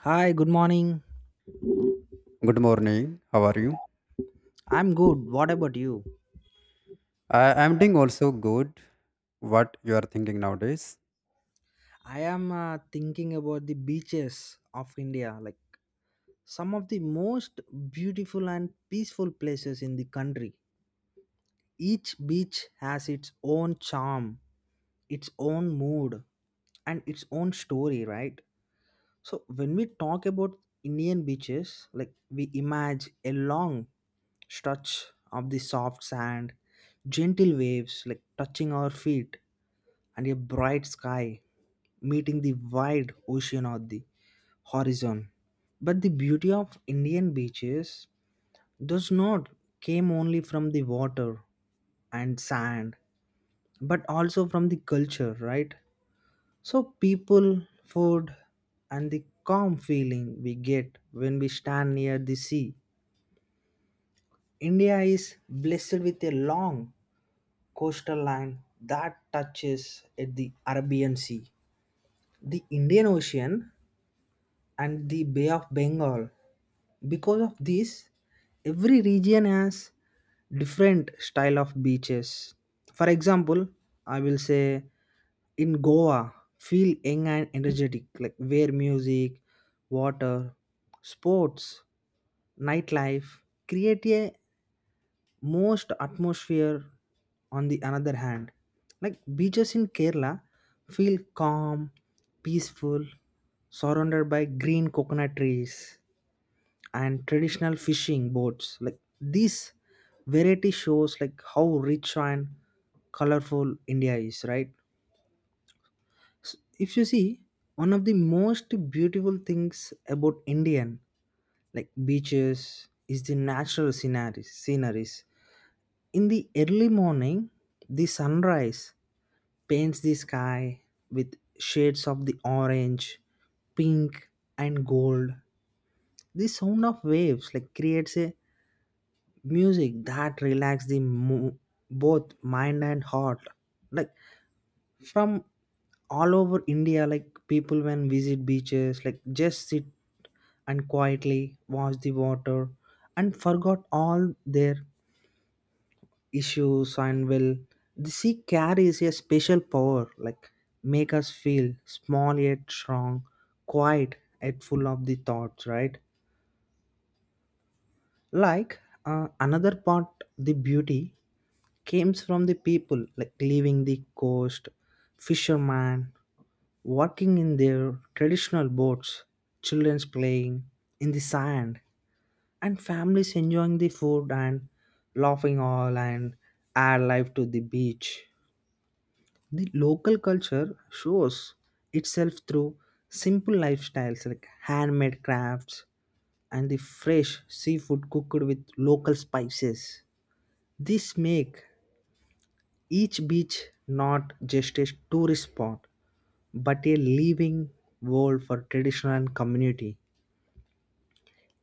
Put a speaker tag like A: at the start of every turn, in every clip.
A: Hi, good morning.
B: Good morning. How are you?
A: I'm good. What about you?
B: I am doing also good. What you are thinking nowadays?
A: I am thinking about the beaches of India, like some of the most beautiful and peaceful places in the country. Each beach has its own charm, its own mood, and its own story, right? So, when we talk about Indian beaches, like we imagine a long stretch of the soft sand, gentle waves like touching our feet, and a bright sky meeting the wide ocean or the horizon. But the beauty of Indian beaches does not came only from the water and sand, but also from the culture, right? So people, food, and the calm feeling we get when we stand near the sea. India is blessed with a long coastal line that touches at the Arabian Sea, the Indian Ocean, and the Bay of Bengal. Because of this, every region has different style of beaches. For example, I will say in Goa, feel young and energetic, like where music, water, sports, nightlife create a most atmosphere on the another hand. Like beaches in Kerala feel calm, peaceful, surrounded by green coconut trees and traditional fishing boats, like these variety shows like how rich and colorful India is, right? If you see, one of the most beautiful things about Indian like beaches is the natural sceneries. In the early morning, the sunrise paints the sky with shades of the orange, pink, and gold. The sound of waves like creates a music that relax the both mind and heart, like from all over India, like people when visit beaches like just sit and quietly watch the water and forgot all their issues and will. The sea carries a special power like make us feel small yet strong, quiet yet full of the thoughts, right? Like another part, the beauty comes from the people like leaving the coast, fishermen working in their traditional boats, children's playing in the sand, and families enjoying the food and laughing all and add life to the beach. The local culture shows itself through simple lifestyles like handmade crafts and the fresh seafood cooked with local spices. This make each beach not just a tourist spot, but a living world for tradition and community.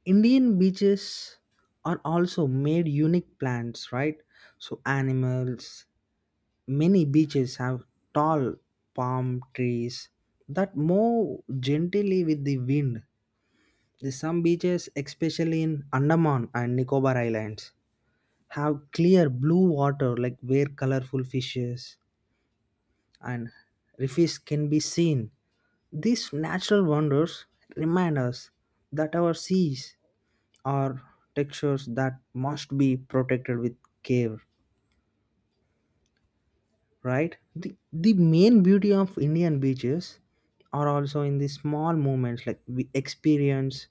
A: Indian beaches are also made unique plants, right? So animals, many beaches have tall palm trees that move gently with the wind. The some beaches, especially in Andaman and Nicobar Islands, have clear blue water like where colorful fishes and reefs can be seen. These natural wonders remind us that our seas are textures that must be protected with care, right? The main beauty of Indian beaches are also in the small moments like we experience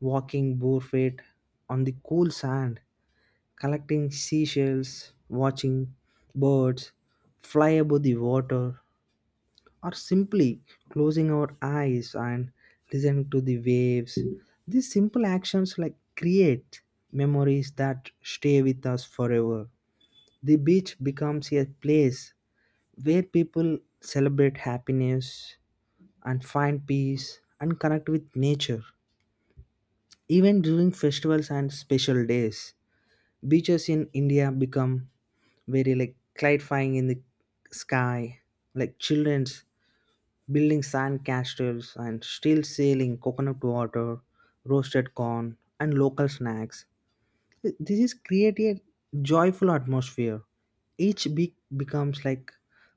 A: walking barefoot on the cool sand, collecting seashells, watching birds fly above the water, or simply closing our eyes and listening to the waves. These simple actions like create memories that stay with us forever. The beach becomes a place where people celebrate happiness and find peace and connect with nature. Even during festivals and special days, beaches in India become very like clarifying in the sky, like children's building sand castles and still selling coconut water, roasted corn, and local snacks. This is creating a joyful atmosphere. Each big becomes like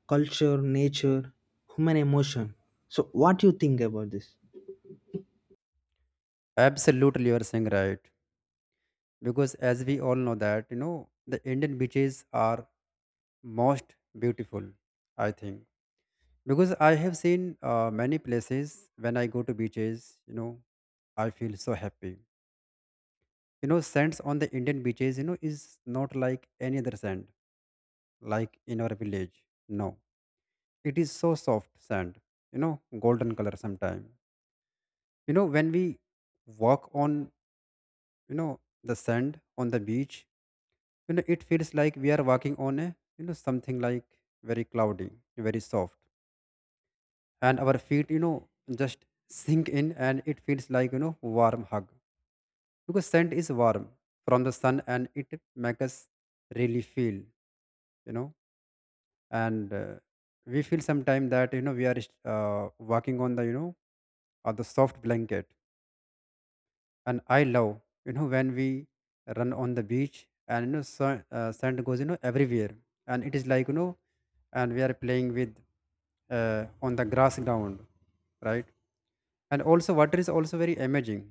A: culture, nature, human emotion. So, what do you think about this?
B: Absolutely, you are saying right. Because as we all know that you know the Indian beaches are most beautiful. I think because I have seen many places when I go to beaches. You know, I feel so happy. You know, sands on the Indian beaches. You know, is not like any other sand like in our village. No, it is so soft sand. You know, golden color sometime you know when we walk on you know the sand on the beach you know it feels like we are walking on a you know something like very cloudy very soft and our feet you know just sink in and it feels like you know warm hug because sand is warm from the sun and it makes us really feel you know. And we feel sometimes that you know we are uh, walking on the you know or the soft blanket. And I love you know when we run on the beach and you know sand, sand goes you know everywhere and it is like you know and we are playing with on the grass ground, right? And also water is also very amazing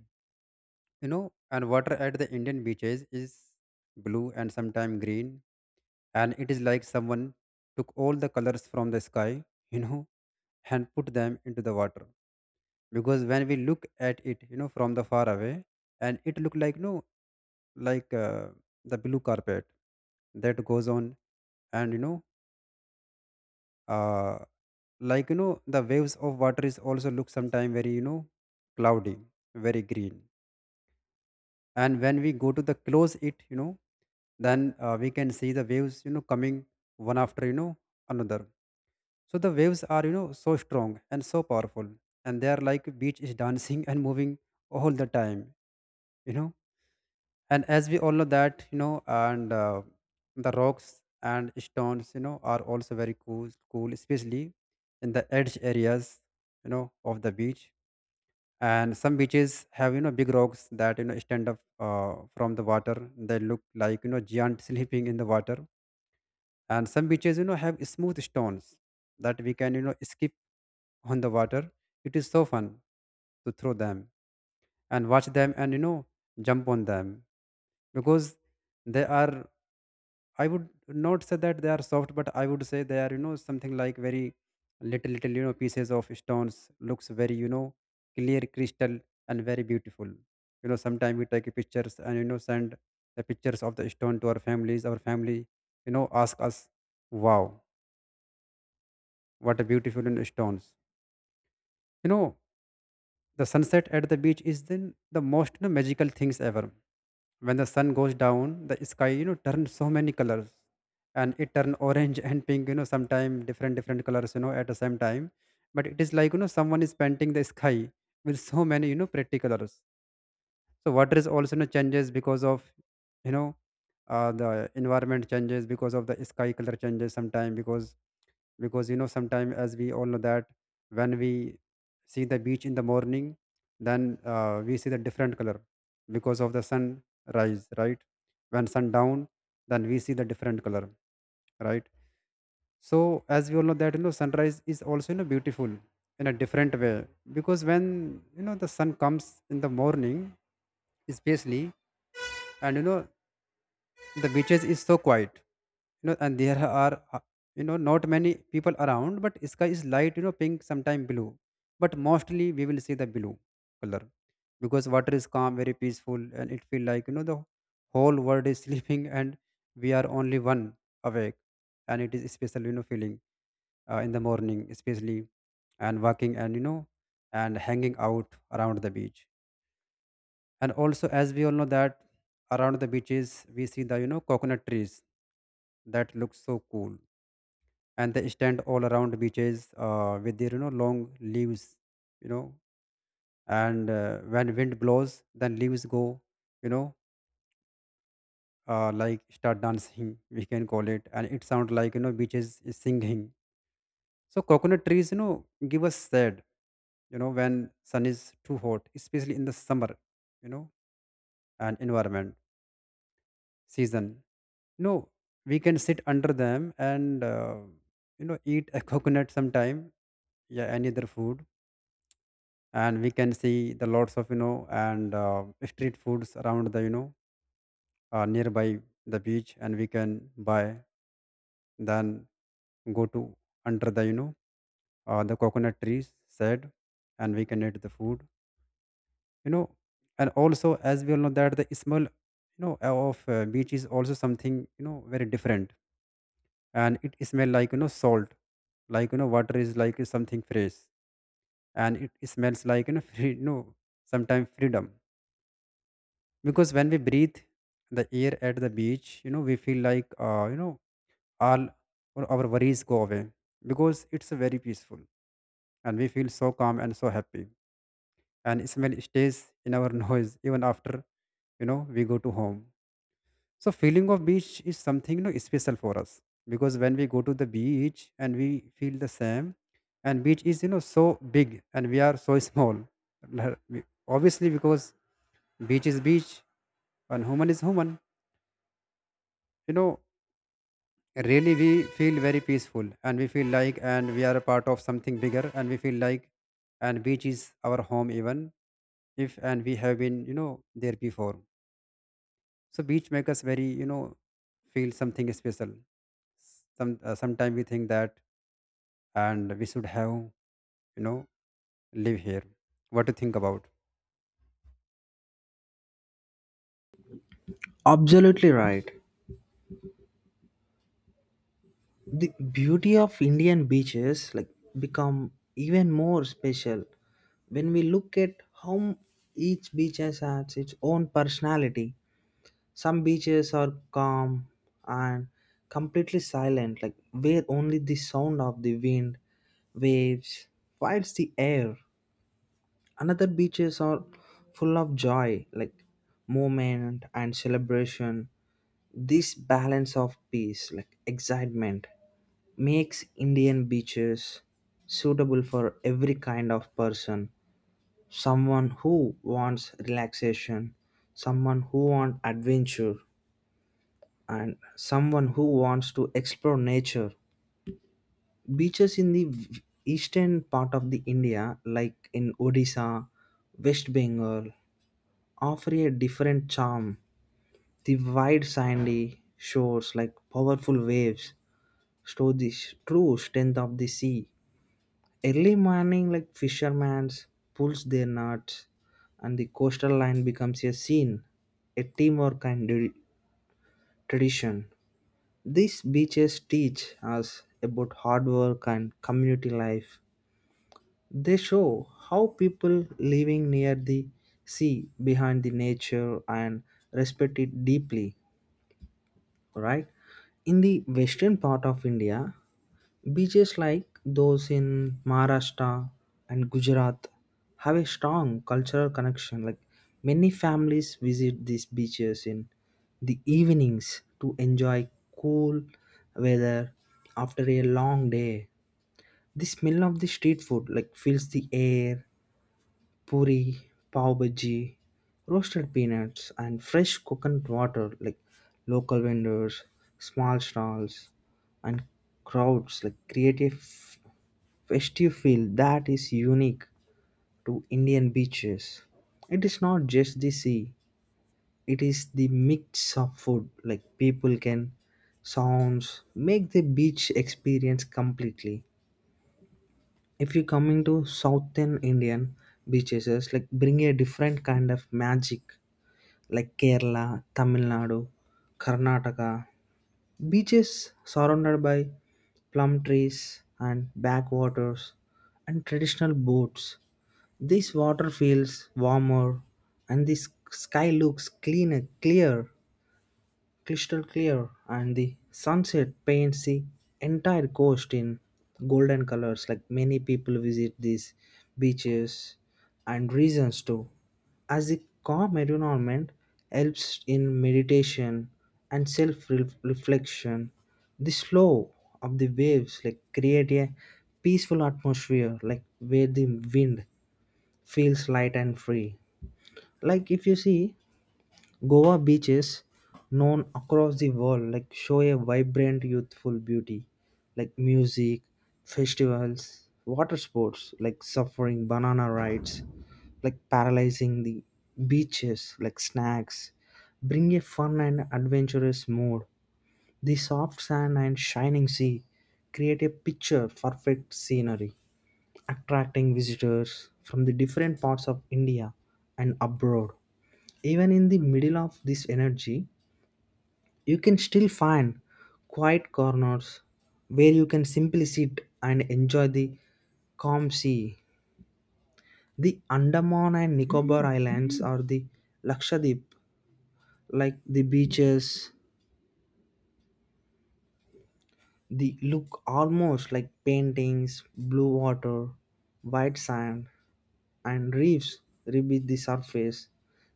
B: you know. And water at the Indian beaches is blue and sometimes green, and it is like someone took all the colors from the sky you know and put them into the water, because when we look at it you know from the far away and it look like no, like the blue carpet that goes on. And you know uh, like you know the waves of water is also look sometime very you know cloudy, very green. And when we go to the close it you know then we can see the waves you know coming one after you know another. So the waves are you know so strong and so powerful, and they are like beach is dancing and moving all the time you know. And as we all know that you know, and the rocks and stones you know are also very cool especially in the edge areas you know of the beach. And some beaches have you know big rocks that you know stand up from the water. They look like you know giant sleeping in the water. And some beaches you know have smooth stones that we can you know skip on the water. It is so fun to throw them and watch them and you know jump on them, because they are, I would not say that they are soft, but I would say they are, you know, something like very little, little, you know, pieces of stones. Looks very, you know, clear crystal and very beautiful. You know, sometimes we take pictures and you know send the pictures of the stone to our families. Our family, you know, ask us, "Wow, what a beautiful you know, stones!" You know, the sunset at the beach is then the most you know, magical things ever. When the sun goes down the sky you know turns so many colors, and it turn orange and pink you know sometime different different colors you know at the same time, but it is like you know someone is painting the sky with so many you know pretty colors. So water is also you know, changes because of you know the environment changes because of the sky color changes sometime, because you know sometimes as we all know that when we see the beach in the morning then we see the different color because of the sunrise, right? When sundown then we see the different color, right? So as we all know that you know sunrise is also you know beautiful in a different way, because when you know the sun comes in the morning especially, and you know the beaches is so quiet you know, and there are you know not many people around, but sky is light you know pink sometime blue, but mostly we will see the blue color, because water is calm very peaceful and it feel like you know the whole world is sleeping and we are only one awake, and it is special you know feeling in the morning especially, and walking and you know and hanging out around the beach. And also as we all know that around the beaches we see the you know coconut trees that looks so cool, and they stand all around beaches with their you know long leaves you know. And when wind blows then leaves go you know like start dancing, we can call it, and it sounds like you know beaches is singing. So coconut trees you know give us shade you know when sun is too hot especially in the summer you know, and environment season you know we can sit under them and you know eat a coconut sometime, yeah, any other food. And we can see the lots of you know and street foods around the you know nearby the beach, and we can buy then go to under the you know the coconut trees said, and we can eat the food you know. And also as we all know that the smell you know of beach is also something you know very different, and it smell like you know salt, like you know water is like something fresh, and it smells like you know free you know, sometimes freedom, because when we breathe the air at the beach you know we feel like you know all all our worries go away, because it's very peaceful and we feel so calm and so happy, and smell stays in our nose even after you know we go to home. So feeling of beach is something you know special for us, because when we go to the beach and we feel the same, and beach is you know so big and we are so small obviously, because beach is beach and human is human you know. Really we feel very peaceful and we feel like and we are a part of something bigger, and we feel like and beach is our home even if and we have been you know there before. So beach make us very you know feel something special. Sometime we think that and we should have you know live here. What to think about?
A: Absolutely right. The beauty of Indian beaches like become even more special when we look at how each beach has its own personality. Some beaches are calm and completely silent, like where only the sound of the wind, waves, fights the air. Another beaches are full of joy, like movement and celebration. This balance of peace, like excitement, makes Indian beaches suitable for every kind of person. Someone who wants relaxation, someone who wants adventure, and someone who wants to explore nature. Beaches in the eastern part of the India, like in Odisha, West Bengal, offer a different charm. The wide sandy shores, like powerful waves, show the true strength of the sea. Early morning, like fishermen pulls their nets, and the coastal line becomes a scene, a teamwork and tradition. These beaches teach us about hard work and community life. They show how people living near the sea, behind the nature, and respect it deeply, right? In the western part of India, beaches like those in Maharashtra and Gujarat have a strong cultural connection. Like many families visit these beaches in the evenings to enjoy cool weather after a long day. The smell of the street food like fills the air, puri, pav bhaji, roasted peanuts, and fresh coconut water, like local vendors, small stalls, and crowds like create a festive feel that is unique to Indian beaches. It is not just the sea, it is the mix of food like people can sounds make the beach experience completely. If you coming to southern Indian beaches, it's like bring a different kind of magic, like Kerala, Tamil Nadu, Karnataka beaches surrounded by plum trees and backwaters and traditional boats. This water feels warmer and this sky looks cleaner, clear, crystal clear, and the sunset paints the entire coast in golden colors, like many people visit these beaches, and reasons too, as the calm environment helps in meditation and self-reflection. The slow of the waves like create a peaceful atmosphere, like where the wind feels light and free. Like if you see Goa beaches, known across the world, like show a vibrant, youthful beauty, like music, festivals, water sports, like suffering banana rides, like paralyzing the beaches, like snacks, bring a fun and adventurous mood. The soft sand and shining sea create a picture perfect scenery, attracting visitors from the different parts of India and abroad. Even in the middle of this energy, you can still find quiet corners where you can simply sit and enjoy the calm sea. The Andaman and Nicobar Islands or the Lakshadweep, like the beaches, they look almost like paintings, blue water, white sand, and reefs rebeat the surface.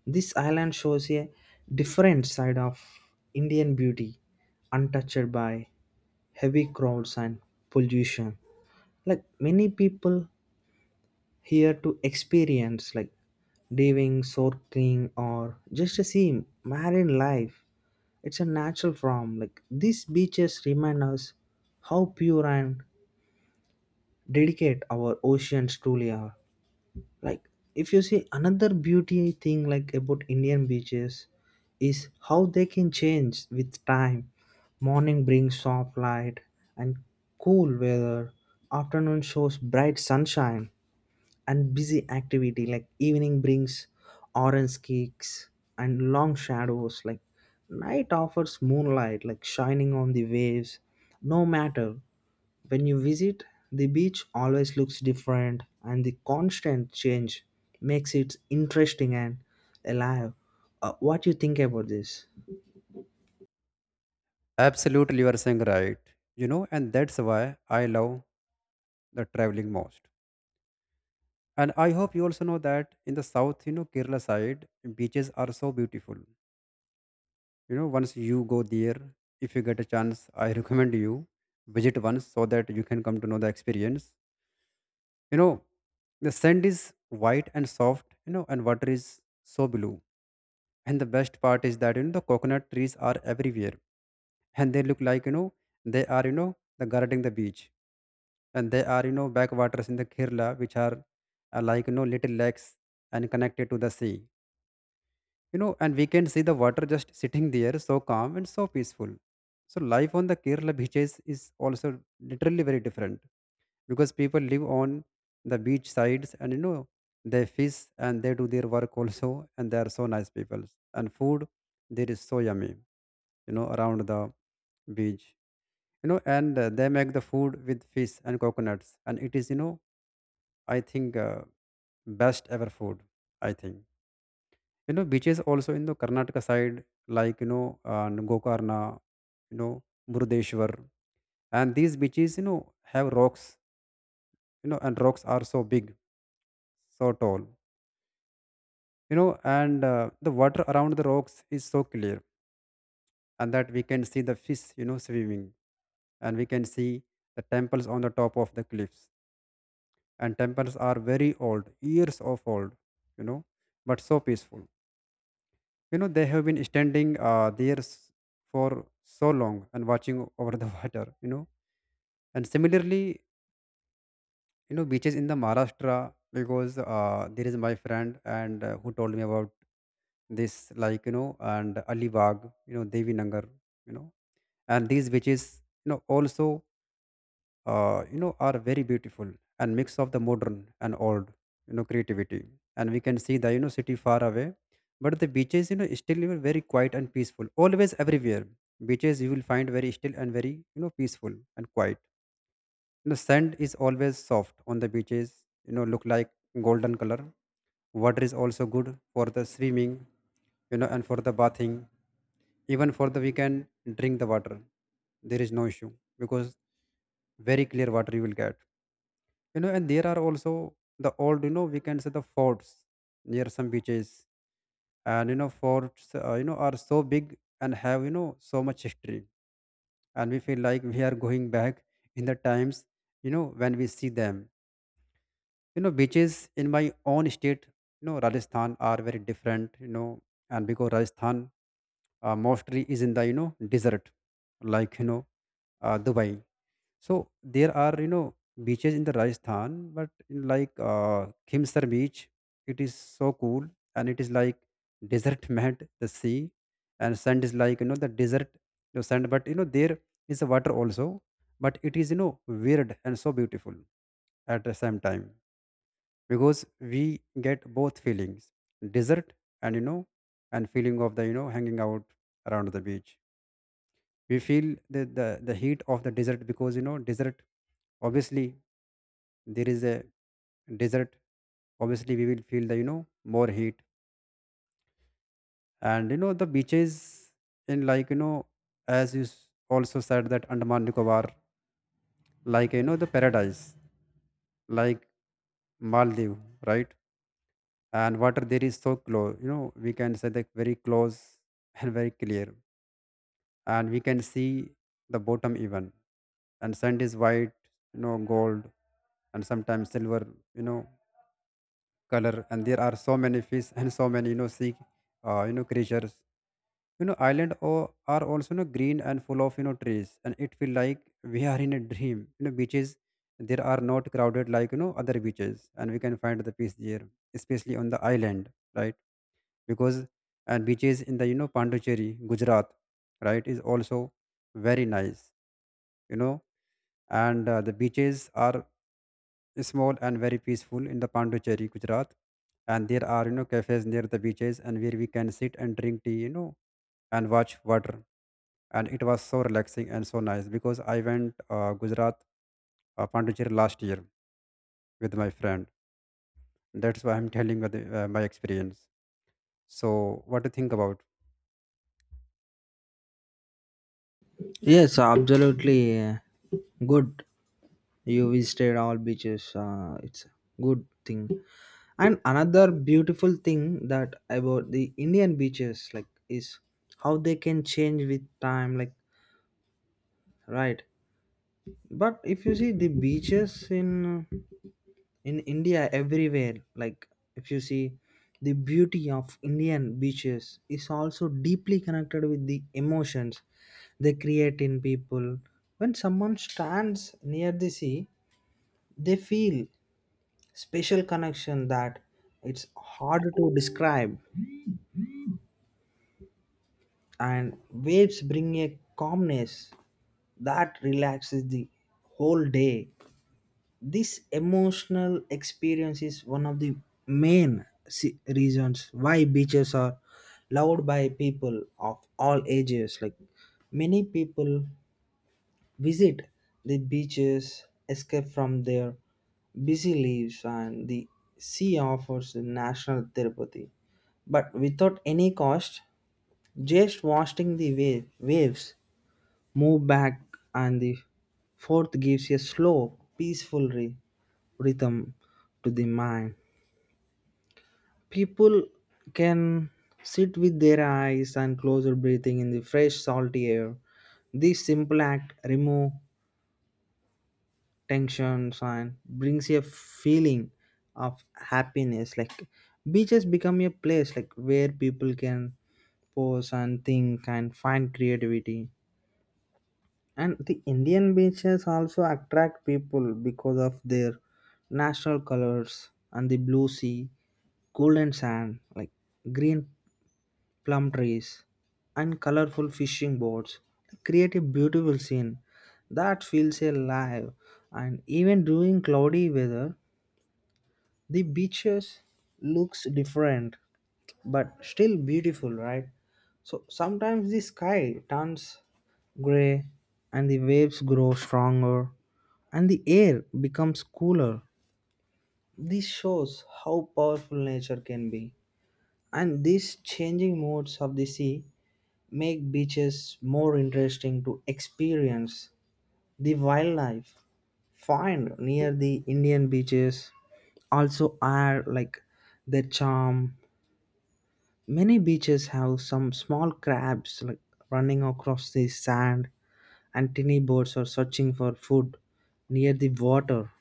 A: This island shows a different side of Indian beauty, untouched by heavy crowds and pollution. Like many people here to experience like diving, snorkeling, or just to see marine life. It's a natural form. Like these beaches remind us how pure and delicate our oceans truly are. Like if you see another beauty thing like about Indian beaches is how they can change with time. Morning brings soft light and cool weather, afternoon shows bright sunshine and busy activity, like evening brings orange cakes and long shadows, like night offers moonlight like shining on the waves. No matter when you visit, the beach always looks different, and the constant change makes it interesting and alive. What you think about this?
B: Absolutely you are saying right you know, and that's why I love the traveling most. And I hope you also know that in the south, you know, Kerala side, beaches are so beautiful. You know, once you go there, if you get a chance, I recommend you visit once so that you can come to know the experience. You know, the sand is white and soft, you know, and water is so blue. And the best part is that, you know, the coconut trees are everywhere and they look like, you know, they are, you know, the guarding the beach. And they are, you know, backwaters in the Kerala, which are like, you know, little lakes and connected to the sea you know. And we can see the water just sitting there so calm and so peaceful. So life on the Kerala beaches is also literally very different, because people live on the beach sides and you know they fish and they do their work also, and they are so nice people. And food there is so yummy you know around the beach you know. And they make the food with fish and coconuts, and it is you know, I think best ever food I think. You know beaches also in the Karnataka side, like you know Gokarna, you know, Murdeshwar, and these beaches you know have rocks you know, and rocks are so big, so tall you know. And the water around the rocks is so clear, and that we can see the fish you know swimming. And we can see the temples on the top of the cliffs, and temples are very old, years of old you know, but so peaceful you know. They have been standing there for so long and watching over the water you know. And similarly you know beaches in the Maharashtra, because there is my friend and who told me about this like you know, and Alibag, you know, Devi Nangar, you know, and these beaches you know also you know are very beautiful, and mix of the modern and old you know creativity. And we can see the you know city far away, but the beaches you know still you know, very quiet and peaceful always. Everywhere beaches you will find very still and very you know peaceful and quiet. Sand is always soft on the beaches, look like golden color. Water is also good for the swimming, and for the bathing, even for the, we can drink the water. There is no issue because very clear water you will get. And there are also the old, we can say, the forts near some beaches. And forts, are so big and have so much history, and we feel like we are going back in the times, when we see them. Beaches in my own state, Rajasthan, are very different. And because Rajasthan, mostly is in the, desert, like, Dubai. So there are, beaches in the Rajasthan, but in, like, Khimsar beach, it is so cool. And it is like desert mat the sea, and sand is like, the desert the sand, but, there is a water also, but it is, weird and so beautiful at the same time, because we get both feelings: desert, and you know and feeling of the, hanging out around the beach. We feel the heat of the desert, because, desert, obviously, there is a desert, obviously we will feel the, more heat. And, the beaches in, like, as you also said, that Andaman Nicobar, like, the paradise, like Maldives, right? And water there is so close, we can say that, very close, and very clear, and we can see the bottom even. And sand is white, gold, and sometimes silver, you know color. And there are so many fish and so many, sea creatures. Island are also, green and full of, trees, and it feel like we are in a dream. Beaches there are not crowded like, other beaches, and we can find the peace there, especially on the island, right? Because, and beaches in the, Pondicherry, Gujarat, right, is also very nice you know and the beaches are small and very peaceful in the Pondicherry, Gujarat. And there are, cafes near the beaches and where we can sit and drink tea, and watch water. And it was so relaxing and so nice, because I went Gujarat, Pondicherry last year with my friend. That's why I'm telling you my experience. So, what do you think about?
A: Yes, absolutely. Good. You visited all beaches. It's a good thing. And another beautiful thing that about the Indian beaches, like, is how they can change with time. Like, right. But if you see the beaches in India everywhere, like if you see, the beauty of Indian beaches is also deeply connected with the emotions they create in people. When someone stands near the sea, they feel special connection that it's hard to describe, and waves bring a calmness that relaxes the whole day. This emotional experience is one of the main reasons why beaches are loved by people of all ages. Like many people visit the beaches escape from their busy lives and the sea offers the national therapy but without any cost. Just watching the waves move back and the fourth gives a slow peaceful rhythm to the mind. People can sit with their eyes and closer breathing in the fresh salty air. This simple act remove tensions and brings a feeling of happiness, like beaches become a place like where people can pose and think and find creativity. And the Indian beaches also attract people because of their national colors and the blue sea, golden sand, like green plum trees and colorful fishing boats create a beautiful scene that feels alive. And even during cloudy weather, the beaches looks different, but still beautiful, right? So sometimes the sky turns gray and the waves grow stronger and the air becomes cooler. This shows how powerful nature can be. And these changing modes of the sea make beaches more interesting to experience. The wildlife found near the Indian beaches also are like their charm. Many beaches have some small crabs like running across the sand and tiny birds are searching for food near the water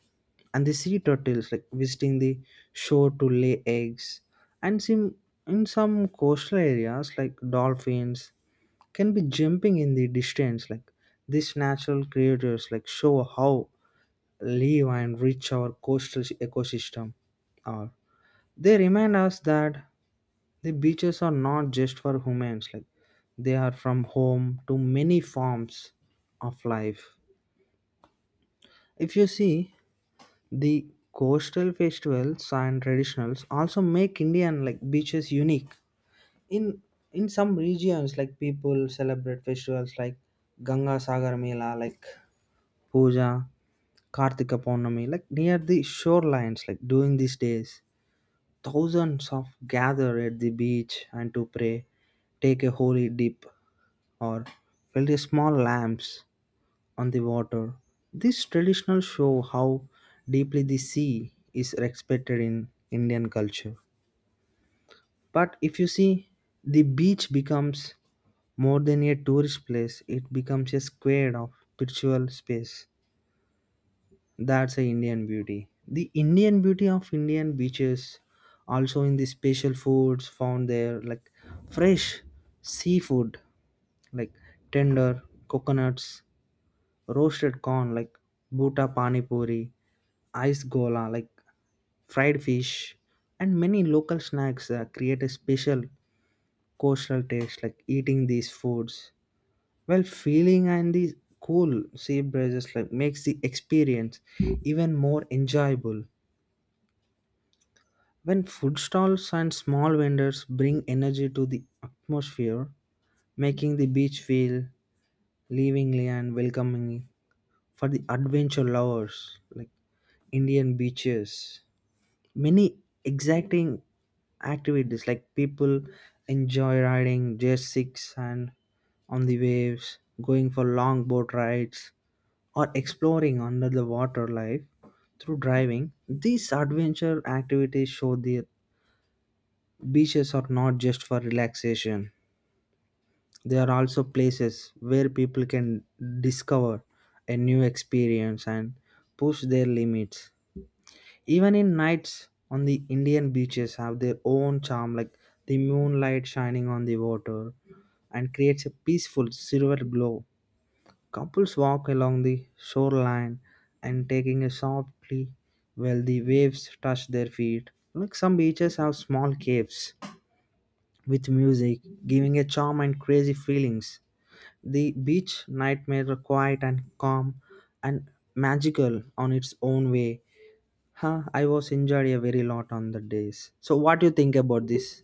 A: and the sea turtles like visiting the shore to lay eggs, and some in some coastal areas like dolphins can be jumping in the distance, like these natural creatures like show how live and rich our coastal ecosystem are. They remind us that the beaches are not just for humans, like they are from home to many forms of life. If you see, the coastal festivals and traditionals also make Indian like beaches unique. In in some regions like people celebrate festivals like Ganga Sagar Mela, like Puja, Kartika Purnami, like near the shorelines, like during these days. Thousands of gather at the beach and to pray, take a holy dip, or felt small lamps on the water. These traditions show how deeply the sea is respected in Indian culture. But if you see, the beach becomes more than a tourist place, it becomes a square of spiritual space. That's the Indian beauty. The Indian beauty of Indian beaches also in the special foods found there, like fresh seafood, like tender coconuts, roasted corn, like bhuta pani puri, ice gola, like fried fish, and many local snacks create a special coastal taste. Like eating these foods, well, feeling and these cool sea breezes like makes the experience even more enjoyable. When food stalls and small vendors bring energy to the atmosphere, making the beach feel livingly and welcoming for the adventure lovers. Like Indian beaches. Many exciting activities like people enjoy riding jet skis and on the waves, going for long boat rides, or exploring under the water life through driving. These adventure activities show the beaches are not just for relaxation. They are also places where people can discover a new experience and push their limits. Even in nights on the Indian beaches have their own charm, like the moonlight shining on the water and creates a peaceful silver glow. Couples walk along the shoreline and taking a softly while the waves touch their feet. Like some beaches have small caves with music, giving a charm and crazy feelings. The beach nightmare are quiet and calm and magical on its own way. Huh, I was injured a very lot on the days. So what do you think about this?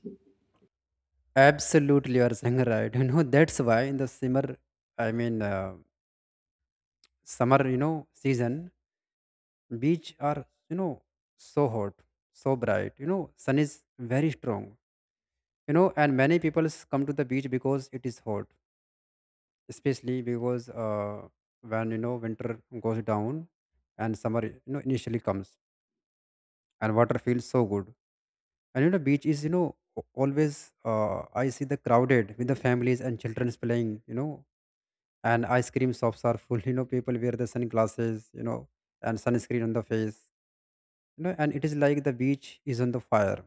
B: Absolutely, you are saying right. That's why in the summer, I mean, summer, season, beach are, so hot, so bright. Sun is very strong, and many people come to the beach because it is hot, especially because, when, winter goes down and summer, initially comes, and water feels so good. And, beach is, always I see the crowded with the families and children's playing. And ice cream shops are full, people wear the sunglasses, and sunscreen on the face, and it is like the beach is on the fire.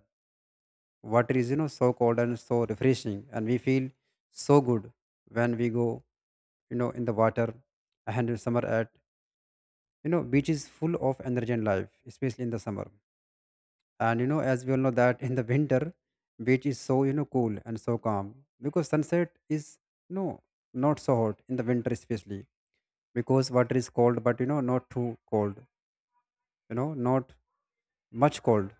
B: Water is, so cold and so refreshing, and we feel so good when we go, in the water. And in summer at, beach is full of energy and life, especially in the summer. And, as we all know, that in the winter, beach is so, cool and so calm, because sunset is, you know not so hot in the winter, especially because water is cold, but, not too cold, not much cold.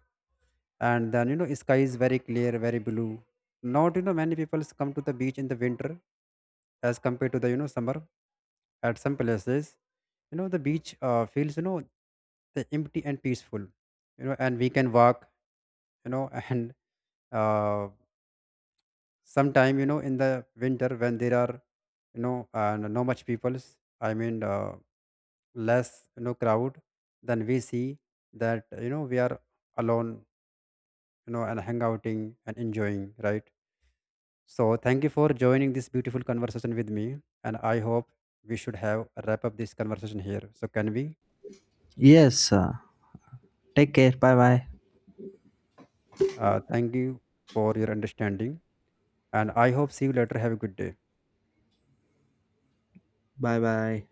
B: And then, sky is very clear, very blue. Not, many people come to the beach in the winter, as compared to the, summer. At some places, the beach feels, the empty and peaceful, and we can walk, and uh, sometime, in the winter, when there are, no much peoples, I mean, less, crowd, then we see that, we are alone, and hang outing and enjoying, right? So thank you for joining this beautiful conversation with me, and I hope we should have wrap up this conversation here. So can we?
A: Yes, take care. Bye bye.
B: Thank you for your understanding, and I hope see you later. Have a good day.
A: Bye bye.